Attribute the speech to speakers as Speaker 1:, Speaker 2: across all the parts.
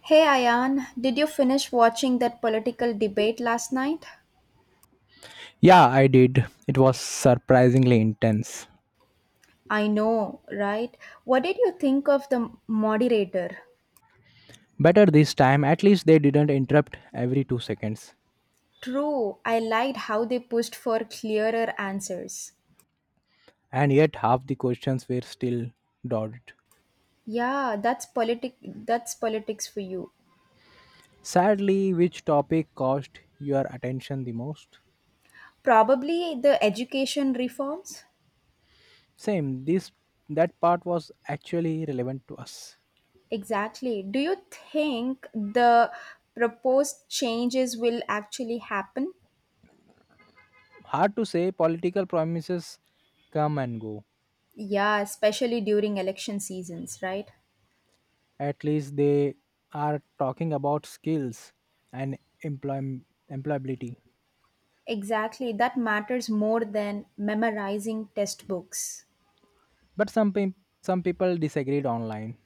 Speaker 1: Hey Ayan, did you finish watching that political debate last night?
Speaker 2: Yeah, I did. It was surprisingly intense.
Speaker 1: I know, right? What did you think of the moderator?
Speaker 2: Better this time, at least they didn't interrupt every 2 seconds.
Speaker 1: True, I liked how they pushed for clearer answers.
Speaker 2: And yet, half the questions were still dotted.
Speaker 1: Yeah, that's politics for you.
Speaker 2: Sadly, which topic caused your attention the most?
Speaker 1: Probably the education reforms?
Speaker 2: Same, this that part was actually relevant to us.
Speaker 1: Exactly. Do you think the proposed changes will actually happen?
Speaker 2: Hard to say, political promises come and go.
Speaker 1: Yeah, especially during election seasons, right?
Speaker 2: At least they are talking about skills and employ- employability.
Speaker 1: Exactly, that matters more than memorizing textbooks.
Speaker 2: But some people disagreed online.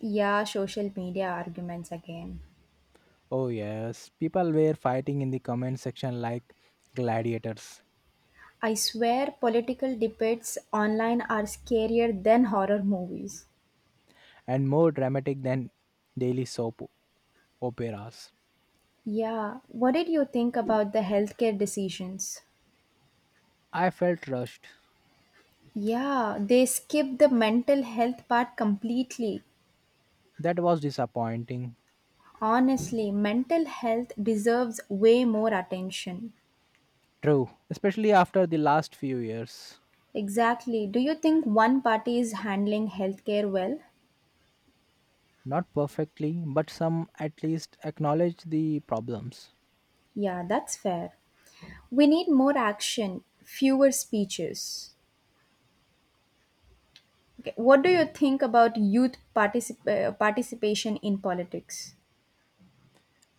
Speaker 1: Yeah, social media arguments again.
Speaker 2: Oh, yes, people were fighting in the comment section like gladiators,
Speaker 1: I swear political debates online are scarier than horror movies.
Speaker 2: and more dramatic than daily soap operas.
Speaker 1: Yeah, what did you think about the healthcare decisions?
Speaker 2: I felt rushed.
Speaker 1: Yeah, they skip the mental health part completely.
Speaker 2: That was disappointing.
Speaker 1: Honestly, mental health deserves way more attention.
Speaker 2: True, especially after the last few years.
Speaker 1: Exactly. Do you think one party is handling healthcare well?
Speaker 2: Not perfectly, but some at least acknowledge the problems.
Speaker 1: Yeah, that's fair. We need more action, fewer speeches. Okay. What do you think about youth participation in politics?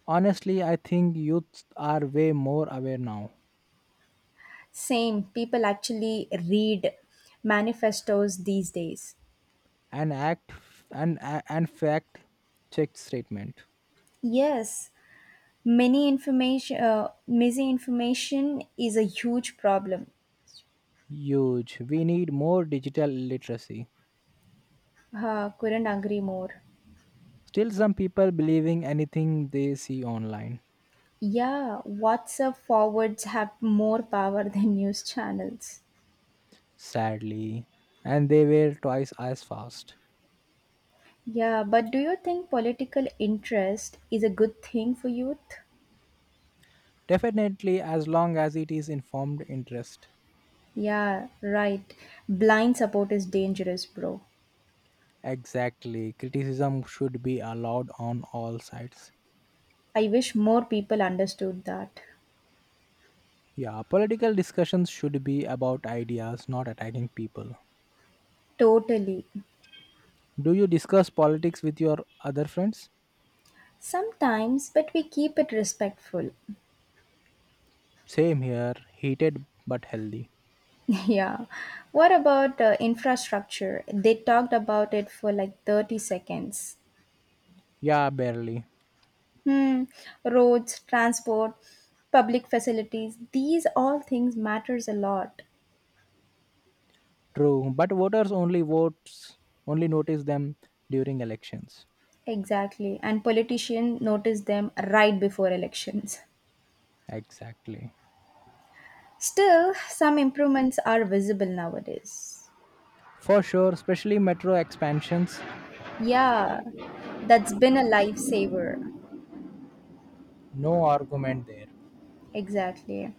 Speaker 2: Honestly, I think youths are way more aware now.
Speaker 1: Same, people actually read manifestos these days.
Speaker 2: An act and fact checked statement.
Speaker 1: Yes, misinformation is a huge problem.
Speaker 2: Huge. We need more digital literacy.
Speaker 1: Couldn't agree more.
Speaker 2: Still, some people believing anything they see online,
Speaker 1: Yeah, WhatsApp forwards have more power than news channels.
Speaker 2: sadly, and they were twice as fast.
Speaker 1: Yeah, but do you think political interest is a good thing for youth?
Speaker 2: Definitely, as long as it is informed interest.
Speaker 1: Yeah, right. Blind support is dangerous, bro.
Speaker 2: Exactly, criticism should be allowed on all sides.
Speaker 1: I wish more people understood that.
Speaker 2: Yeah, political discussions should be about ideas, not attacking people.
Speaker 1: Totally.
Speaker 2: Do you discuss politics with your other friends?
Speaker 1: Sometimes, but we keep it respectful.
Speaker 2: Same here, heated but healthy.
Speaker 1: Yeah. What about infrastructure? They talked about it for like 30 seconds.
Speaker 2: Yeah, barely.
Speaker 1: Hmm. Roads, transport, public facilities, these all things matters a lot.
Speaker 2: True, but voters only notice them during elections.
Speaker 1: Exactly. And politicians notice them right before elections.
Speaker 2: Exactly.
Speaker 1: Still, some improvements are visible nowadays.
Speaker 2: For sure, especially metro expansions,
Speaker 1: Yeah, that's been a lifesaver.
Speaker 2: no argument there.
Speaker 1: Exactly.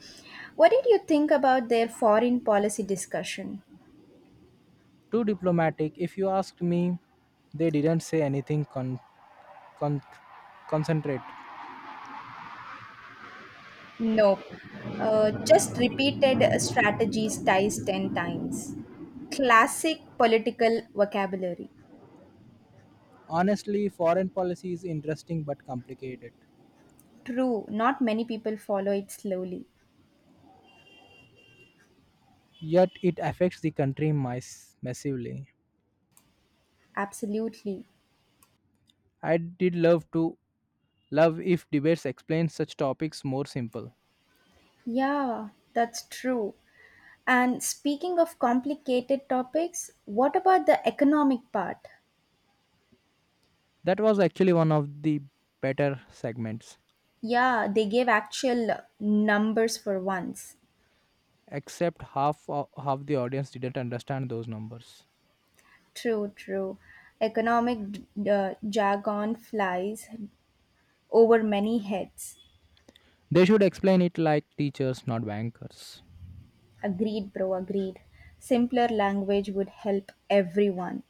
Speaker 1: What did you think about their foreign policy discussion?
Speaker 2: Too diplomatic, if you asked me, they didn't say anything con- concentrate.
Speaker 1: Nope. Just repeated strategies ties 10 times. Classic political vocabulary.
Speaker 2: Honestly, foreign policy is interesting but complicated.
Speaker 1: True, not many people follow it slowly.
Speaker 2: Yet it affects the country massively.
Speaker 1: Absolutely.
Speaker 2: I did love to love if debates explain such topics more simple.
Speaker 1: Yeah, that's true. And speaking of complicated topics, what about the economic part?
Speaker 2: That was actually one of the better segments.
Speaker 1: Yeah, they gave actual numbers for once.
Speaker 2: Except half the audience didn't understand those numbers.
Speaker 1: True, true. Economic jargon flies over many heads.
Speaker 2: They should explain it like teachers, not bankers.
Speaker 1: Agreed, bro, agreed. Simpler language would help everyone.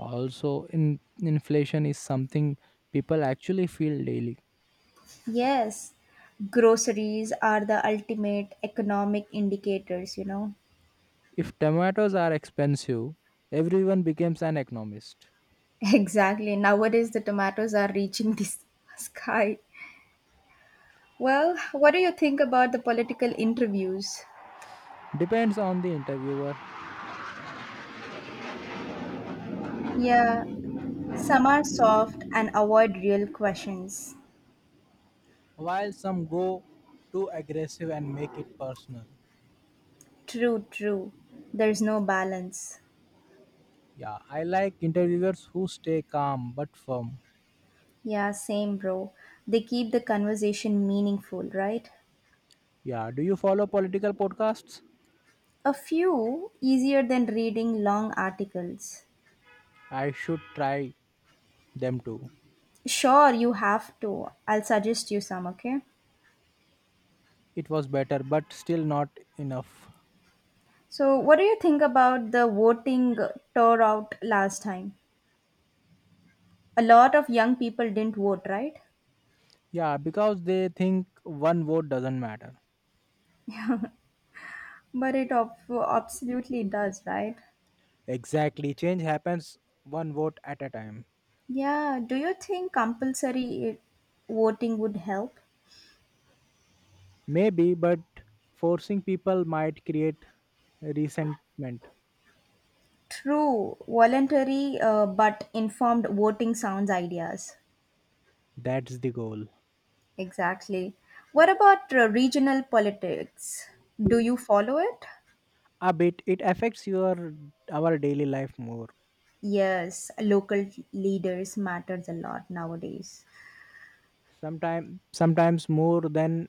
Speaker 2: Also, inflation is something people actually feel daily.
Speaker 1: Yes, groceries are the ultimate economic indicators.
Speaker 2: If tomatoes are expensive, everyone becomes an economist.
Speaker 1: Exactly. Nowadays, the tomatoes are reaching the sky. Well, what do you think about the political interviews?
Speaker 2: Depends on the interviewer,
Speaker 1: Yeah, some are soft and avoid real questions.
Speaker 2: while some go too aggressive and make it personal.
Speaker 1: True, true. There's no balance.
Speaker 2: Yeah, I like interviewers who stay calm but firm.
Speaker 1: Yeah, same, bro. They keep the conversation meaningful, right?
Speaker 2: Yeah, do you follow political podcasts?
Speaker 1: A few easier than reading long articles.
Speaker 2: I should try them too.
Speaker 1: Sure, you have to. I'll suggest you some, okay?
Speaker 2: It was better, but still not enough.
Speaker 1: So, what do you think about the voting turnout last time? A lot of young people didn't vote, right?
Speaker 2: Yeah, because they think one vote doesn't matter.
Speaker 1: But it absolutely does, right?
Speaker 2: Exactly. Change happens one vote at a time.
Speaker 1: Yeah, do you think compulsory voting would help?
Speaker 2: Maybe, but forcing people might create resentment.
Speaker 1: True, voluntary but informed voting sounds ideas.
Speaker 2: That's the goal.
Speaker 1: Exactly. What about regional politics? Do you follow it?
Speaker 2: A bit, it affects your our daily life more.
Speaker 1: Yes, local leaders matters a lot nowadays.
Speaker 2: Sometimes more than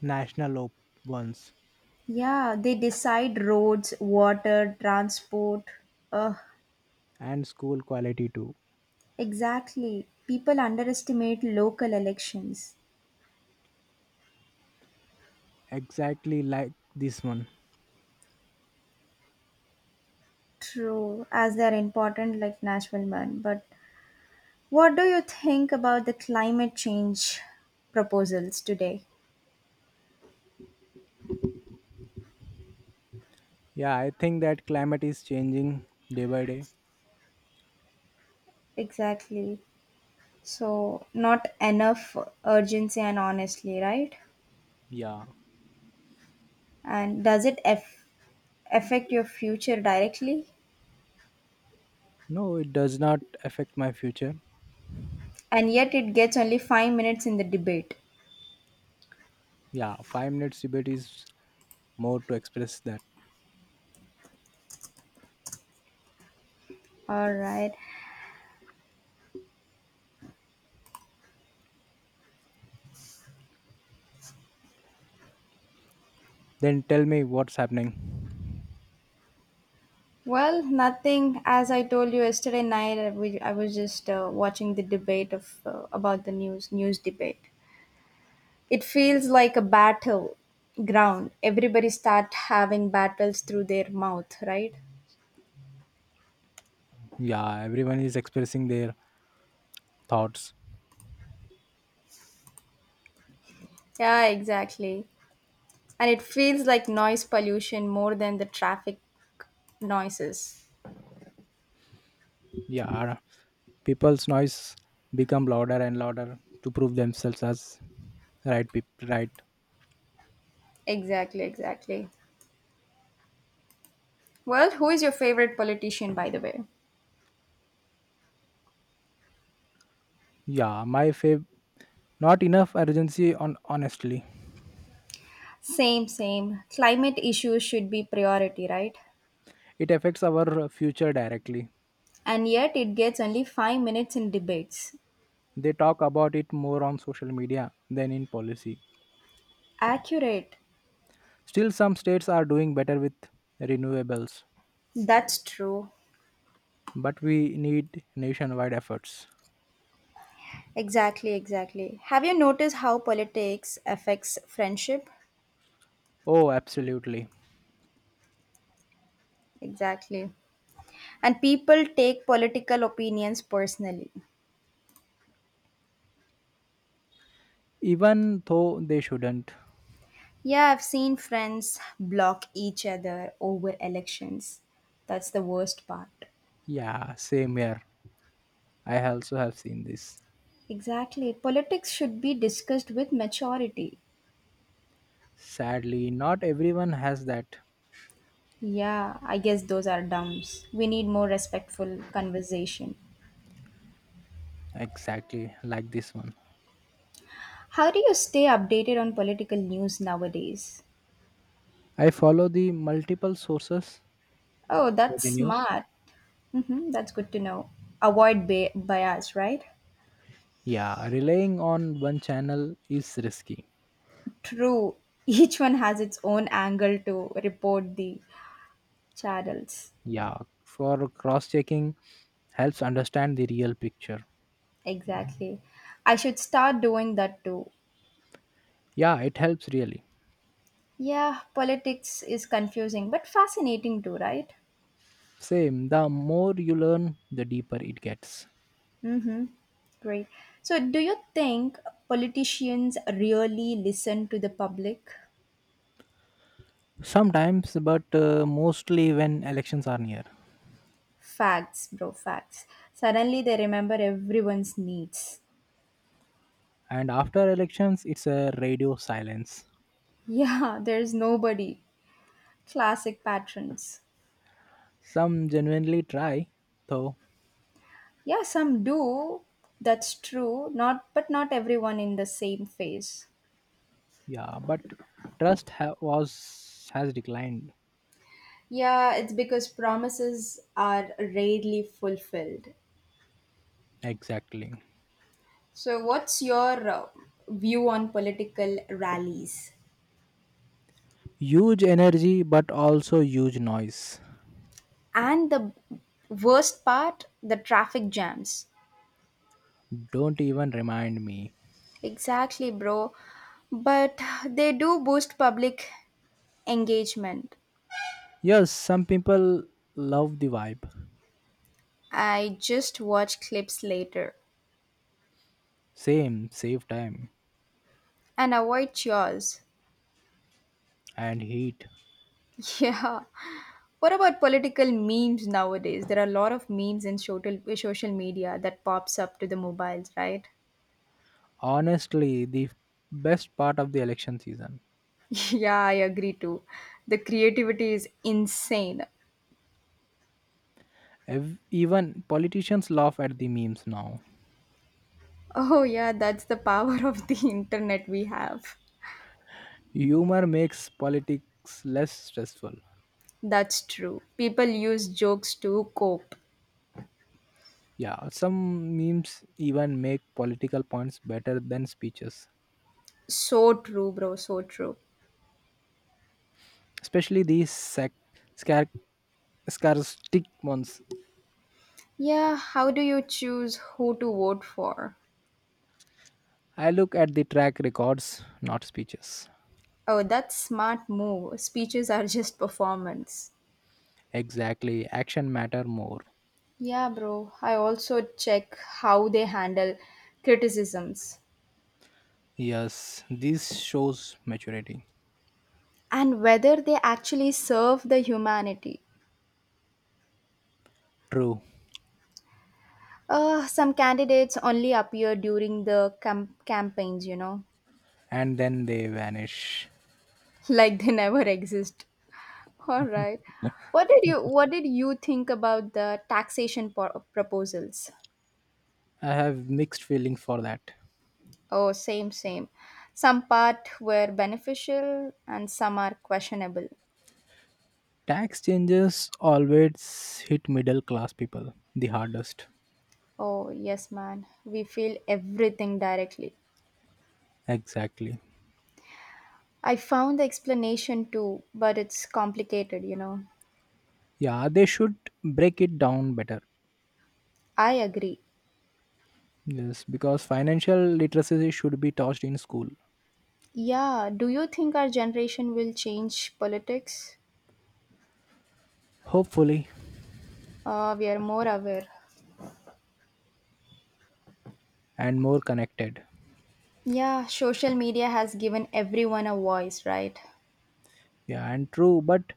Speaker 2: national ones,
Speaker 1: Yeah, they decide roads, water, transport. Uh,
Speaker 2: and school quality too.
Speaker 1: exactly. People underestimate local elections.
Speaker 2: Exactly like this one.
Speaker 1: True, as they're important like Nashville man. But what do you think about the climate change proposals today?
Speaker 2: Yeah, I think that climate is changing day by day.
Speaker 1: Exactly. So, not enough urgency and honestly, right?
Speaker 2: Yeah.
Speaker 1: And does it affect your future directly?
Speaker 2: No, it does not affect my future.
Speaker 1: And yet, it gets only 5 minutes in the debate.
Speaker 2: Yeah, 5 minutes debate is more to express that.
Speaker 1: All right.
Speaker 2: Then tell me what's happening.
Speaker 1: Well, nothing. As I told you yesterday night, I was just watching the debate of about the news debate. It feels like a battle ground. Everybody start having battles through their mouth, right?
Speaker 2: Yeah, everyone is expressing their thoughts.
Speaker 1: Yeah, exactly. And it feels like noise pollution more than the traffic noises.
Speaker 2: Yeah, people's noise become louder and louder to prove themselves as right people. Right.
Speaker 1: Exactly, exactly. Well, who is your favorite politician, by the way?
Speaker 2: Yeah, my fav. Not enough urgency on honestly.
Speaker 1: Same, same. Climate issues should be priority, right?
Speaker 2: It affects our future directly.
Speaker 1: And yet it gets only 5 minutes in debates.
Speaker 2: They talk about it more on social media than in policy.
Speaker 1: Accurate.
Speaker 2: Still, some states are doing better with renewables,
Speaker 1: That's true.
Speaker 2: but we need nationwide efforts.
Speaker 1: Exactly, exactly. Have you noticed how politics affects friendship?
Speaker 2: Oh, absolutely.
Speaker 1: Exactly. And people take political opinions personally.
Speaker 2: Even though they shouldn't.
Speaker 1: Yeah, I've seen friends block each other over elections. That's the worst part.
Speaker 2: Yeah, same here. I also have seen this.
Speaker 1: Exactly. Politics should be discussed with maturity.
Speaker 2: Sadly, not everyone has that,
Speaker 1: Yeah, I guess those are dumps. We need more respectful conversation.
Speaker 2: exactly like this one.
Speaker 1: How do you stay updated on political news nowadays?
Speaker 2: I follow the multiple sources
Speaker 1: Oh,
Speaker 2: for
Speaker 1: that's
Speaker 2: the news.
Speaker 1: smart. Hmm, that's good to know. Avoid bias, right?
Speaker 2: Yeah, relying on one channel is risky.
Speaker 1: True. Each one has its own angle to report the channels.
Speaker 2: Yeah, for cross checking helps understand the real picture.
Speaker 1: Exactly. I should start doing that too.
Speaker 2: Yeah, it helps really.
Speaker 1: Yeah, politics is confusing but fascinating too, right?
Speaker 2: Same, the more you learn, the deeper it gets.
Speaker 1: Mm-hmm. Great. So, do you think politicians really listen to the public?
Speaker 2: Sometimes, but mostly when elections are near.
Speaker 1: Facts, bro, facts. Suddenly they remember everyone's needs.
Speaker 2: And after elections, it's a radio silence.
Speaker 1: Yeah, there's nobody, classic patterns.
Speaker 2: Some genuinely try, though,
Speaker 1: Yeah, some do, that's true, not everyone in the same phase.
Speaker 2: yeah, but trust ha- was has declined.
Speaker 1: Yeah, it's because promises are rarely fulfilled.
Speaker 2: Exactly.
Speaker 1: So, what's your view on political rallies?
Speaker 2: Huge energy, but also huge noise.
Speaker 1: And the worst part, the traffic jams.
Speaker 2: Don't even remind me.
Speaker 1: Exactly, bro, but they do boost public engagement.
Speaker 2: Yes, some people love the vibe.
Speaker 1: I just watch clips later
Speaker 2: Same, save time
Speaker 1: and avoid chores.
Speaker 2: and heat.
Speaker 1: Yeah. What about political memes nowadays? There are a lot of memes in social media that pops up to the mobiles, right?
Speaker 2: Honestly, the best part of the election season.
Speaker 1: Yeah, I agree too. The creativity is insane.
Speaker 2: Even politicians laugh at the memes now.
Speaker 1: Oh yeah, that's the power of the internet we have.
Speaker 2: Humor makes politics less stressful.
Speaker 1: That's true. People use jokes to cope.
Speaker 2: Yeah, some memes even make political points better than speeches,
Speaker 1: So true, bro, so true.
Speaker 2: especially these scar- scaristic ones.
Speaker 1: Yeah, how do you choose who to vote for?
Speaker 2: I look at the track records, not speeches.
Speaker 1: Oh, that's smart move. Speeches are just performance.
Speaker 2: Exactly, action matter more.
Speaker 1: Yeah, bro. I also check how they handle criticisms
Speaker 2: Yes, this shows maturity.
Speaker 1: and whether they actually serve the humanity.
Speaker 2: True.
Speaker 1: Some candidates only appear during the campaigns,
Speaker 2: And then they vanish.
Speaker 1: like they never exist. All right. What did you think about the taxation proposals?
Speaker 2: I have mixed feelings for that.
Speaker 1: Oh, same, same. Some part were beneficial and some are questionable.
Speaker 2: Tax changes always hit middle class people the hardest.
Speaker 1: Oh, yes, man. We feel everything directly.
Speaker 2: Exactly.
Speaker 1: I found the explanation too, but it's complicated.
Speaker 2: Yeah, they should break it down better.
Speaker 1: I agree.
Speaker 2: Yes, because financial literacy should be taught in school,
Speaker 1: Yeah, do you think our generation will change politics?
Speaker 2: hopefully,
Speaker 1: We are more aware.
Speaker 2: and more connected.
Speaker 1: Yeah, social media has given everyone a voice, right?
Speaker 2: Yeah, and true, but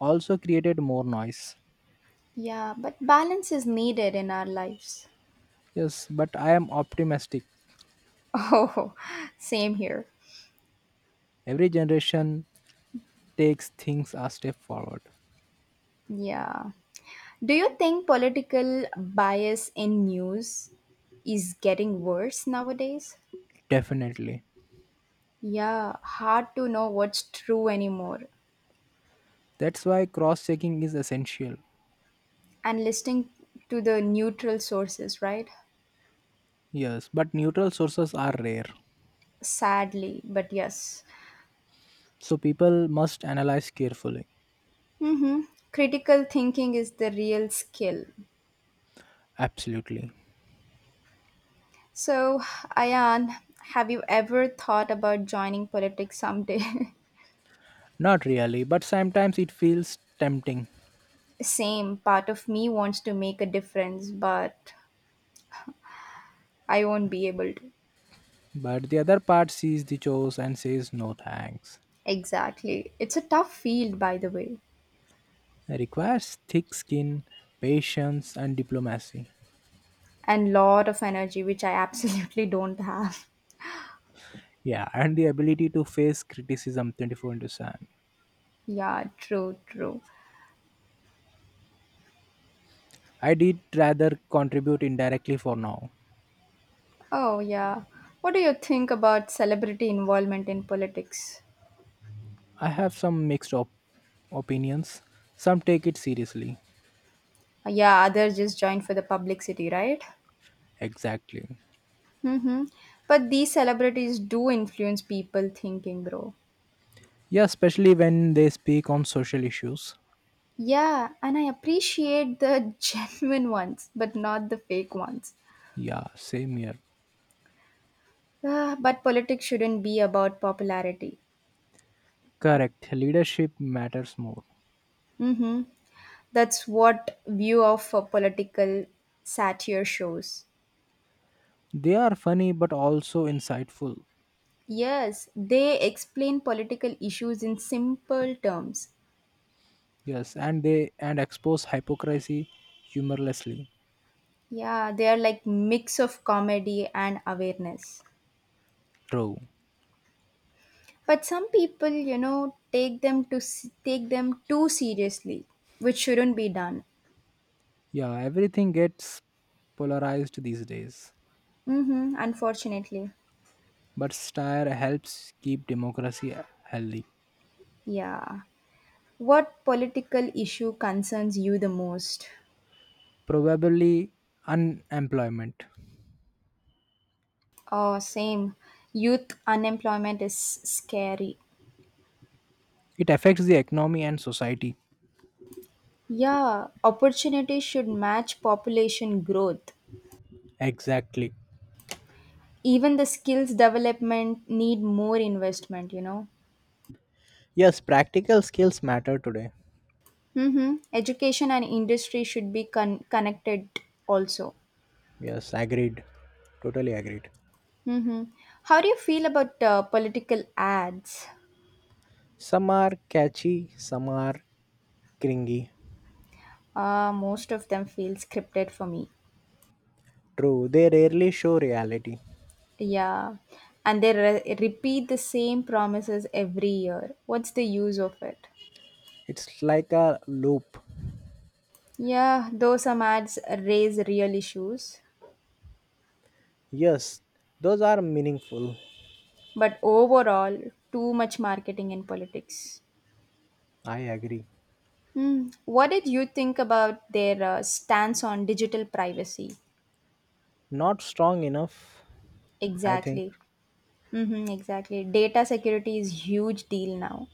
Speaker 2: also created more noise.
Speaker 1: Yeah, but balance is needed in our lives.
Speaker 2: Yes, but I am optimistic.
Speaker 1: Oh, same here.
Speaker 2: Every generation takes things a step forward.
Speaker 1: Yeah. Do you think political bias in news is getting worse nowadays?
Speaker 2: Definitely.
Speaker 1: Yeah, hard to know what's true anymore.
Speaker 2: That's why cross checking is essential.
Speaker 1: And listening to the neutral sources, right?
Speaker 2: Yes, but neutral sources are rare.
Speaker 1: Sadly, but yes.
Speaker 2: So people must analyze carefully.
Speaker 1: Mm-hmm. Critical thinking is the real skill.
Speaker 2: Absolutely.
Speaker 1: So, Ayan, have you ever thought about joining politics someday?
Speaker 2: Not really, but sometimes it feels tempting.
Speaker 1: Same part of me wants to make a difference, but I won't be able to.
Speaker 2: But the other part sees the chores and says no thanks.
Speaker 1: Exactly. It's a tough field, by the way,
Speaker 2: It requires thick skin, patience, and diplomacy.
Speaker 1: and lot of energy, which I absolutely don't have.
Speaker 2: Yeah, and the ability to face criticism 24 into 7.
Speaker 1: Yeah, true, true.
Speaker 2: I did rather contribute indirectly for now.
Speaker 1: Oh, yeah. What do you think about celebrity involvement in politics?
Speaker 2: I have some mixed opinions. Some take it seriously.
Speaker 1: Yeah, others just join for the publicity, right?
Speaker 2: Exactly.
Speaker 1: Mm-hmm. But these celebrities do influence people thinking, bro.
Speaker 2: Yeah, especially when they speak on social issues.
Speaker 1: Yeah, and I appreciate the genuine ones, but not the fake ones.
Speaker 2: Yeah, same here.
Speaker 1: Ah, but politics shouldn't be about popularity.
Speaker 2: Correct. Leadership matters more.
Speaker 1: Mm-hmm. That's what view of a political satire shows.
Speaker 2: They are funny but also insightful.
Speaker 1: Yes, they explain political issues in simple terms.
Speaker 2: Yes, and expose hypocrisy humorlessly.
Speaker 1: Yeah, they are like mix of comedy and awareness.
Speaker 2: True.
Speaker 1: But some people, take them to take them too seriously, which shouldn't be done.
Speaker 2: Yeah, everything gets polarized these days.
Speaker 1: Mm-hmm, unfortunately.
Speaker 2: But satire helps keep democracy healthy.
Speaker 1: Yeah. What political issue concerns you the most?
Speaker 2: Probably unemployment.
Speaker 1: Oh, same. Youth unemployment is scary.
Speaker 2: It affects the economy and society.
Speaker 1: Yeah, opportunities should match population growth.
Speaker 2: Exactly.
Speaker 1: Even the skills development need more investment.
Speaker 2: Yes, practical skills matter today.
Speaker 1: Mm-hmm. Education and industry should be connected also.
Speaker 2: Yes, agreed. Totally agreed.
Speaker 1: Mm-hmm. How do you feel about political ads?
Speaker 2: Some are catchy, some are cringy.
Speaker 1: Most of them feel scripted for me.
Speaker 2: True, they rarely show reality.
Speaker 1: Yeah. And they repeat the same promises every year. What's the use of it?
Speaker 2: It's like a loop.
Speaker 1: Yeah, though some ads raise real issues,
Speaker 2: Yes, those are meaningful.
Speaker 1: but overall, too much marketing in politics.
Speaker 2: I agree.
Speaker 1: Hmm. What did you think about their stance on digital privacy?
Speaker 2: Not strong enough, I think.
Speaker 1: Exactly. Mm-hmm, exactly. Data security is huge deal now.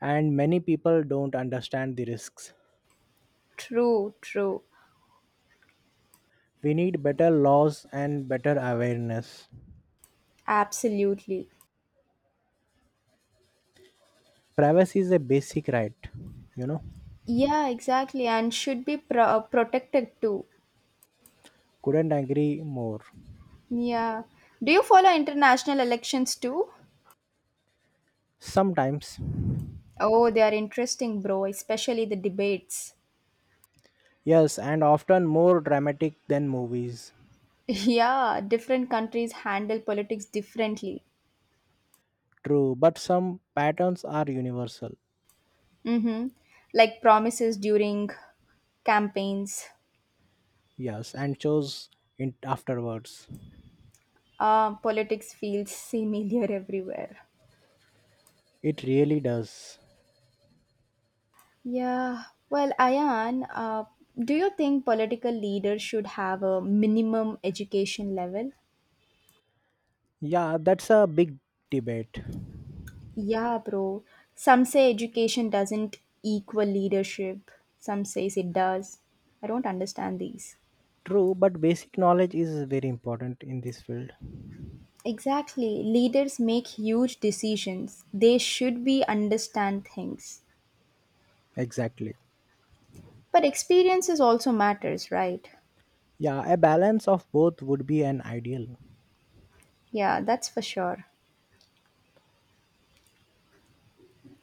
Speaker 2: And many people don't understand the risks.
Speaker 1: True, true.
Speaker 2: We need better laws and better awareness.
Speaker 1: Absolutely.
Speaker 2: Privacy is a basic right, you know.
Speaker 1: Yeah, exactly. And should be protected too.
Speaker 2: Couldn't agree more.
Speaker 1: Yeah. Do you follow international elections too?
Speaker 2: Sometimes,
Speaker 1: Oh, they are interesting, bro, especially the debates.
Speaker 2: yes, and often more dramatic than movies.
Speaker 1: Yeah, different countries handle politics differently.
Speaker 2: True, but some patterns are universal.
Speaker 1: Mm-hmm. Like promises during campaigns.
Speaker 2: Yes, and shows in afterwards.
Speaker 1: Politics feels similar everywhere.
Speaker 2: It really does.
Speaker 1: Yeah, well, Ayan, do you think political leaders should have a minimum education level?
Speaker 2: Yeah, that's a big debate.
Speaker 1: Yeah, bro. Some say education doesn't equal leadership. Some says it does. I don't understand these.
Speaker 2: True, but basic knowledge is very important in this field.
Speaker 1: Exactly. Leaders make huge decisions. They should be understand things.
Speaker 2: Exactly.
Speaker 1: But experiences also matters, right?
Speaker 2: Yeah, a balance of both would be an ideal.
Speaker 1: Yeah, that's for sure.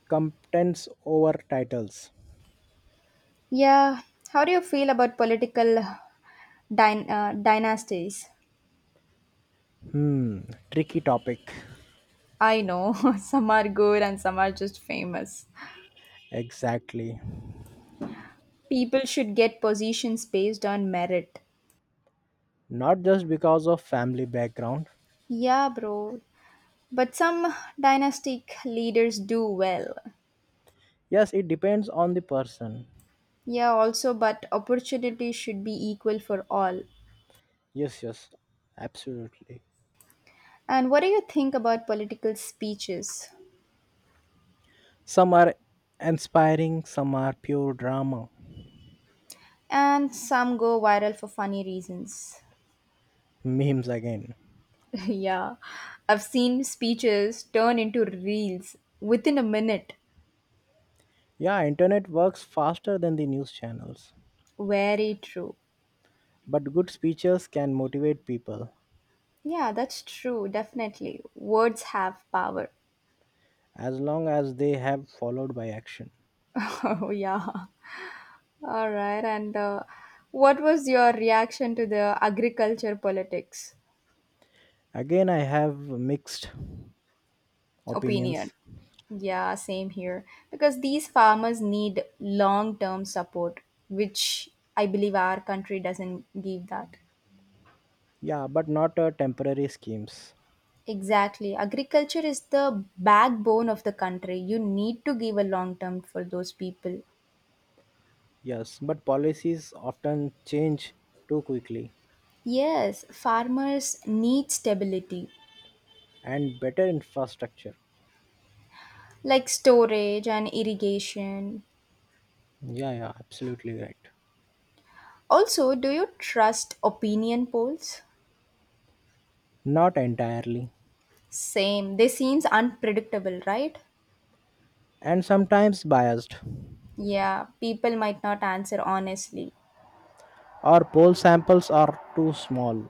Speaker 2: Contents over titles.
Speaker 1: Yeah, how do you feel about political dynasties?
Speaker 2: Hmm, tricky topic.
Speaker 1: I know, some are good and some are just famous.
Speaker 2: Exactly.
Speaker 1: People should get positions based on merit.
Speaker 2: Not just because of family background.
Speaker 1: Yeah, bro. But some dynastic leaders do well.
Speaker 2: Yes, it depends on the person.
Speaker 1: Yeah, also, but opportunity should be equal for all.
Speaker 2: Yes, yes, absolutely.
Speaker 1: And what do you think about political speeches?
Speaker 2: Some are inspiring, some are pure drama.
Speaker 1: And some go viral for funny reasons.
Speaker 2: Memes again.
Speaker 1: Yeah, I've seen speeches turn into reels within a minute.
Speaker 2: Yeah, internet works faster than the news channels.
Speaker 1: Very true.
Speaker 2: But good speeches can motivate people
Speaker 1: Yeah, that's true. Definitely. Words have power.
Speaker 2: as long as they have followed by action.
Speaker 1: Oh, yeah. All right. And what was your reaction to the agriculture politics
Speaker 2: Again, I have mixed opinions.
Speaker 1: opinion? Yeah, same here. Because these farmers need long term support, which I believe our country doesn't give that.
Speaker 2: Yeah, but not temporary schemes.
Speaker 1: Exactly. Agriculture is the backbone of the country. You need to give a long term for those people.
Speaker 2: Yes, but policies often change too quickly,
Speaker 1: Yes, farmers need stability.
Speaker 2: and better infrastructure.
Speaker 1: Like storage and irrigation.
Speaker 2: Yeah, yeah, absolutely right.
Speaker 1: Also, do you trust opinion polls?
Speaker 2: Not entirely.
Speaker 1: Same. They seems unpredictable, right?
Speaker 2: And sometimes biased.
Speaker 1: Yeah, people might not answer honestly.
Speaker 2: Our poll samples are too small.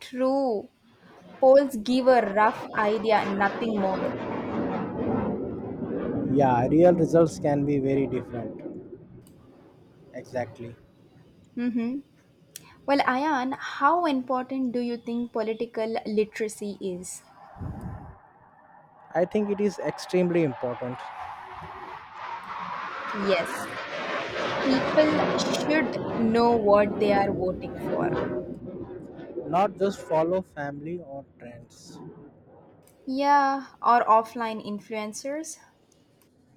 Speaker 1: True. Polls give a rough idea, nothing more.
Speaker 2: Yeah, real results can be very different. Exactly.
Speaker 1: Mm-hmm. Well, Ayan, how important do you think political literacy is?
Speaker 2: I think it is extremely important.
Speaker 1: Yes, people should know what they are voting for.
Speaker 2: Not just follow family or trends.
Speaker 1: Yeah, or offline influencers.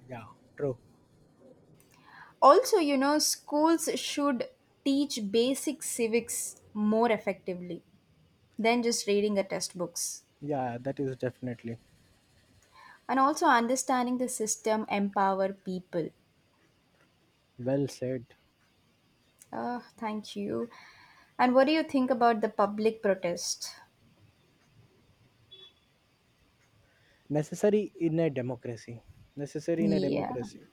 Speaker 2: Yeah, true.
Speaker 1: Also, schools should teach basic civics more effectively than just reading a test books.
Speaker 2: Yeah, that is definitely
Speaker 1: And also understanding the system empower people.
Speaker 2: well said.
Speaker 1: Ah, thank you. And what do you think about the public protest?
Speaker 2: Necessary in a democracy. Necessary in a
Speaker 1: Yeah.
Speaker 2: democracy.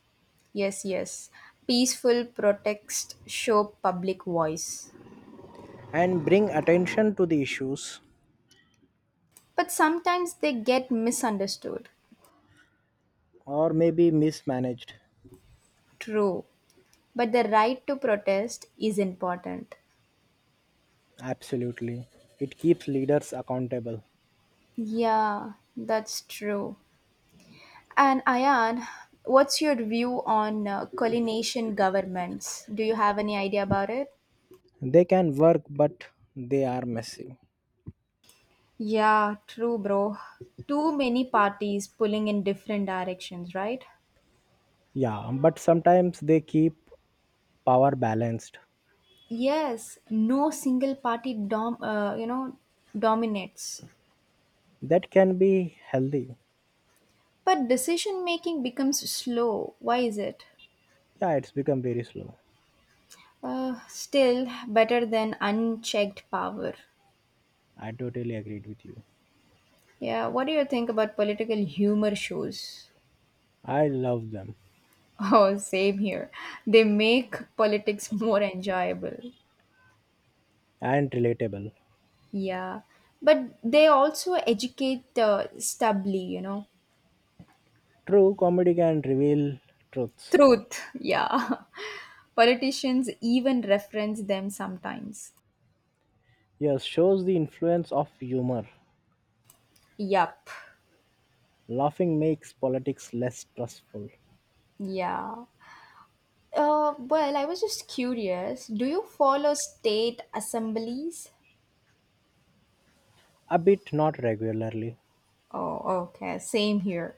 Speaker 1: Yes, yes. Peaceful protest show public voice.
Speaker 2: And bring attention to the issues,
Speaker 1: But sometimes they get misunderstood.
Speaker 2: or maybe mismanaged.
Speaker 1: True. But the right to protest is important.
Speaker 2: Absolutely. It keeps leaders accountable.
Speaker 1: Yeah, that's true. And Ayan, what's your view on collination governments? Do you have any idea about it?
Speaker 2: They can work, but they are messy.
Speaker 1: Yeah, true, bro. Too many parties pulling in different directions, right?
Speaker 2: Yeah, but sometimes they keep power balanced.
Speaker 1: Yes, no single party dominates.
Speaker 2: That can be healthy.
Speaker 1: But decision making becomes slow. Why is it?
Speaker 2: Yeah, it's become very slow.
Speaker 1: Still better than unchecked power.
Speaker 2: I totally agreed with you.
Speaker 1: Yeah, what do you think about political humor shows?
Speaker 2: I love them
Speaker 1: Oh, same here. They make politics more enjoyable.
Speaker 2: and relatable.
Speaker 1: Yeah. But they also educate stably.
Speaker 2: True comedy can reveal truths.
Speaker 1: Truth. Yeah. Politicians even reference them sometimes.
Speaker 2: Yes, shows the influence of humor.
Speaker 1: Yup.
Speaker 2: Laughing makes politics less stressful.
Speaker 1: Yeah. Well, I was just curious. Do you follow state assemblies?
Speaker 2: A bit, not regularly.
Speaker 1: Oh, okay. Same here.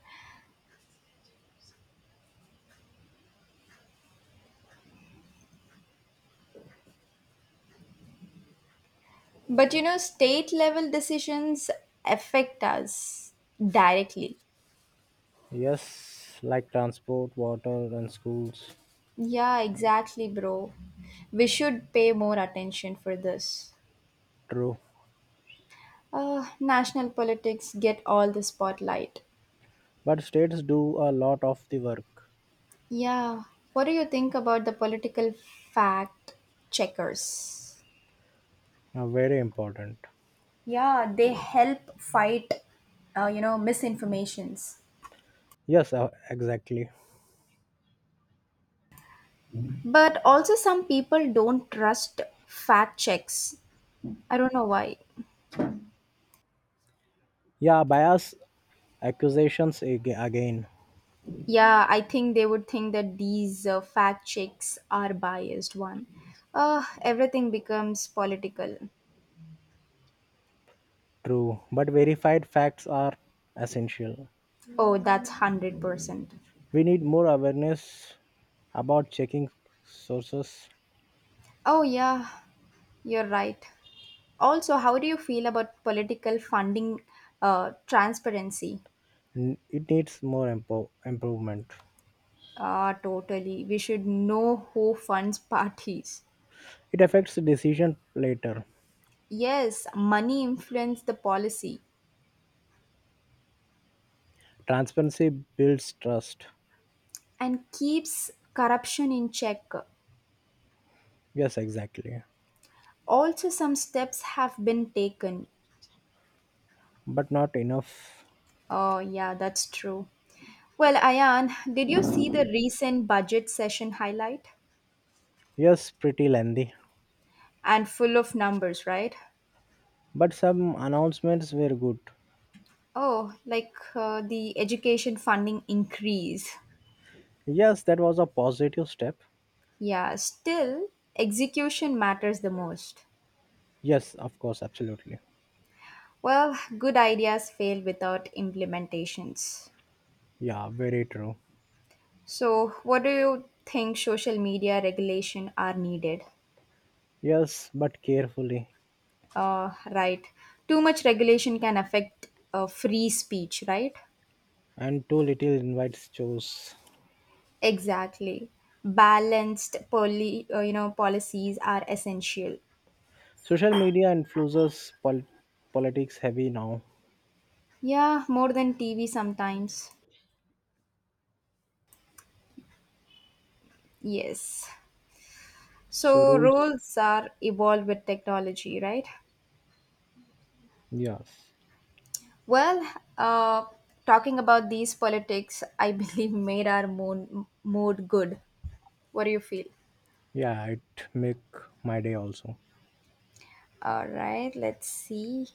Speaker 1: But state level decisions affect us directly.
Speaker 2: Yes, like transport, water, and schools.
Speaker 1: Yeah, exactly, bro. We should pay more attention for this.
Speaker 2: True.
Speaker 1: National politics get all the spotlight.
Speaker 2: But states do a lot of the work.
Speaker 1: Yeah. What do you think about the political fact checkers?
Speaker 2: Very important.
Speaker 1: Yeah, they help fight, misinformations.
Speaker 2: Yes, exactly.
Speaker 1: But also, some people don't trust fact checks. I don't know why.
Speaker 2: Yeah, bias accusations again,
Speaker 1: Yeah, I think they would think that these fact checks are biased one. Everything becomes political.
Speaker 2: true, but verified facts are essential.
Speaker 1: Oh, that's 100%.
Speaker 2: We need more awareness about checking sources.
Speaker 1: Oh, yeah, you're right. Also, how do you feel about political funding transparency?
Speaker 2: It needs more improvement.
Speaker 1: Ah, totally. We should know who funds parties.
Speaker 2: It affects the decision later.
Speaker 1: Yes, money influences the policy
Speaker 2: Transparency builds trust.
Speaker 1: and keeps corruption in check.
Speaker 2: Yes, exactly.
Speaker 1: Also, some steps have been taken.
Speaker 2: But not enough.
Speaker 1: Oh, yeah, that's true. Well, Ayan, did you see the recent budget session highlight?
Speaker 2: Yes, pretty lengthy.
Speaker 1: And full of numbers, right?
Speaker 2: But some announcements were good.
Speaker 1: Oh, like the education funding increase.
Speaker 2: Yes, that was a positive step.
Speaker 1: Yeah, still, execution matters the most.
Speaker 2: Yes, of course, absolutely.
Speaker 1: Well, good ideas fail without implementations.
Speaker 2: Yeah, very true.
Speaker 1: So, what do you think social media regulation are needed?
Speaker 2: Yes, but carefully.
Speaker 1: Right. Too much regulation can affect free speech, right?
Speaker 2: And too little invites chores.
Speaker 1: Exactly. Balanced policies are essential.
Speaker 2: Social media influences politics heavy now.
Speaker 1: Yeah, more than TV sometimes. Yes.
Speaker 2: So
Speaker 1: So
Speaker 2: rules.
Speaker 1: roles are evolved with technology, right?
Speaker 2: Yes.
Speaker 1: Well, uh, talking about these politics, I believe made our mood good. What do you feel?
Speaker 2: Yeah, it make my day also.
Speaker 1: All right, let's see.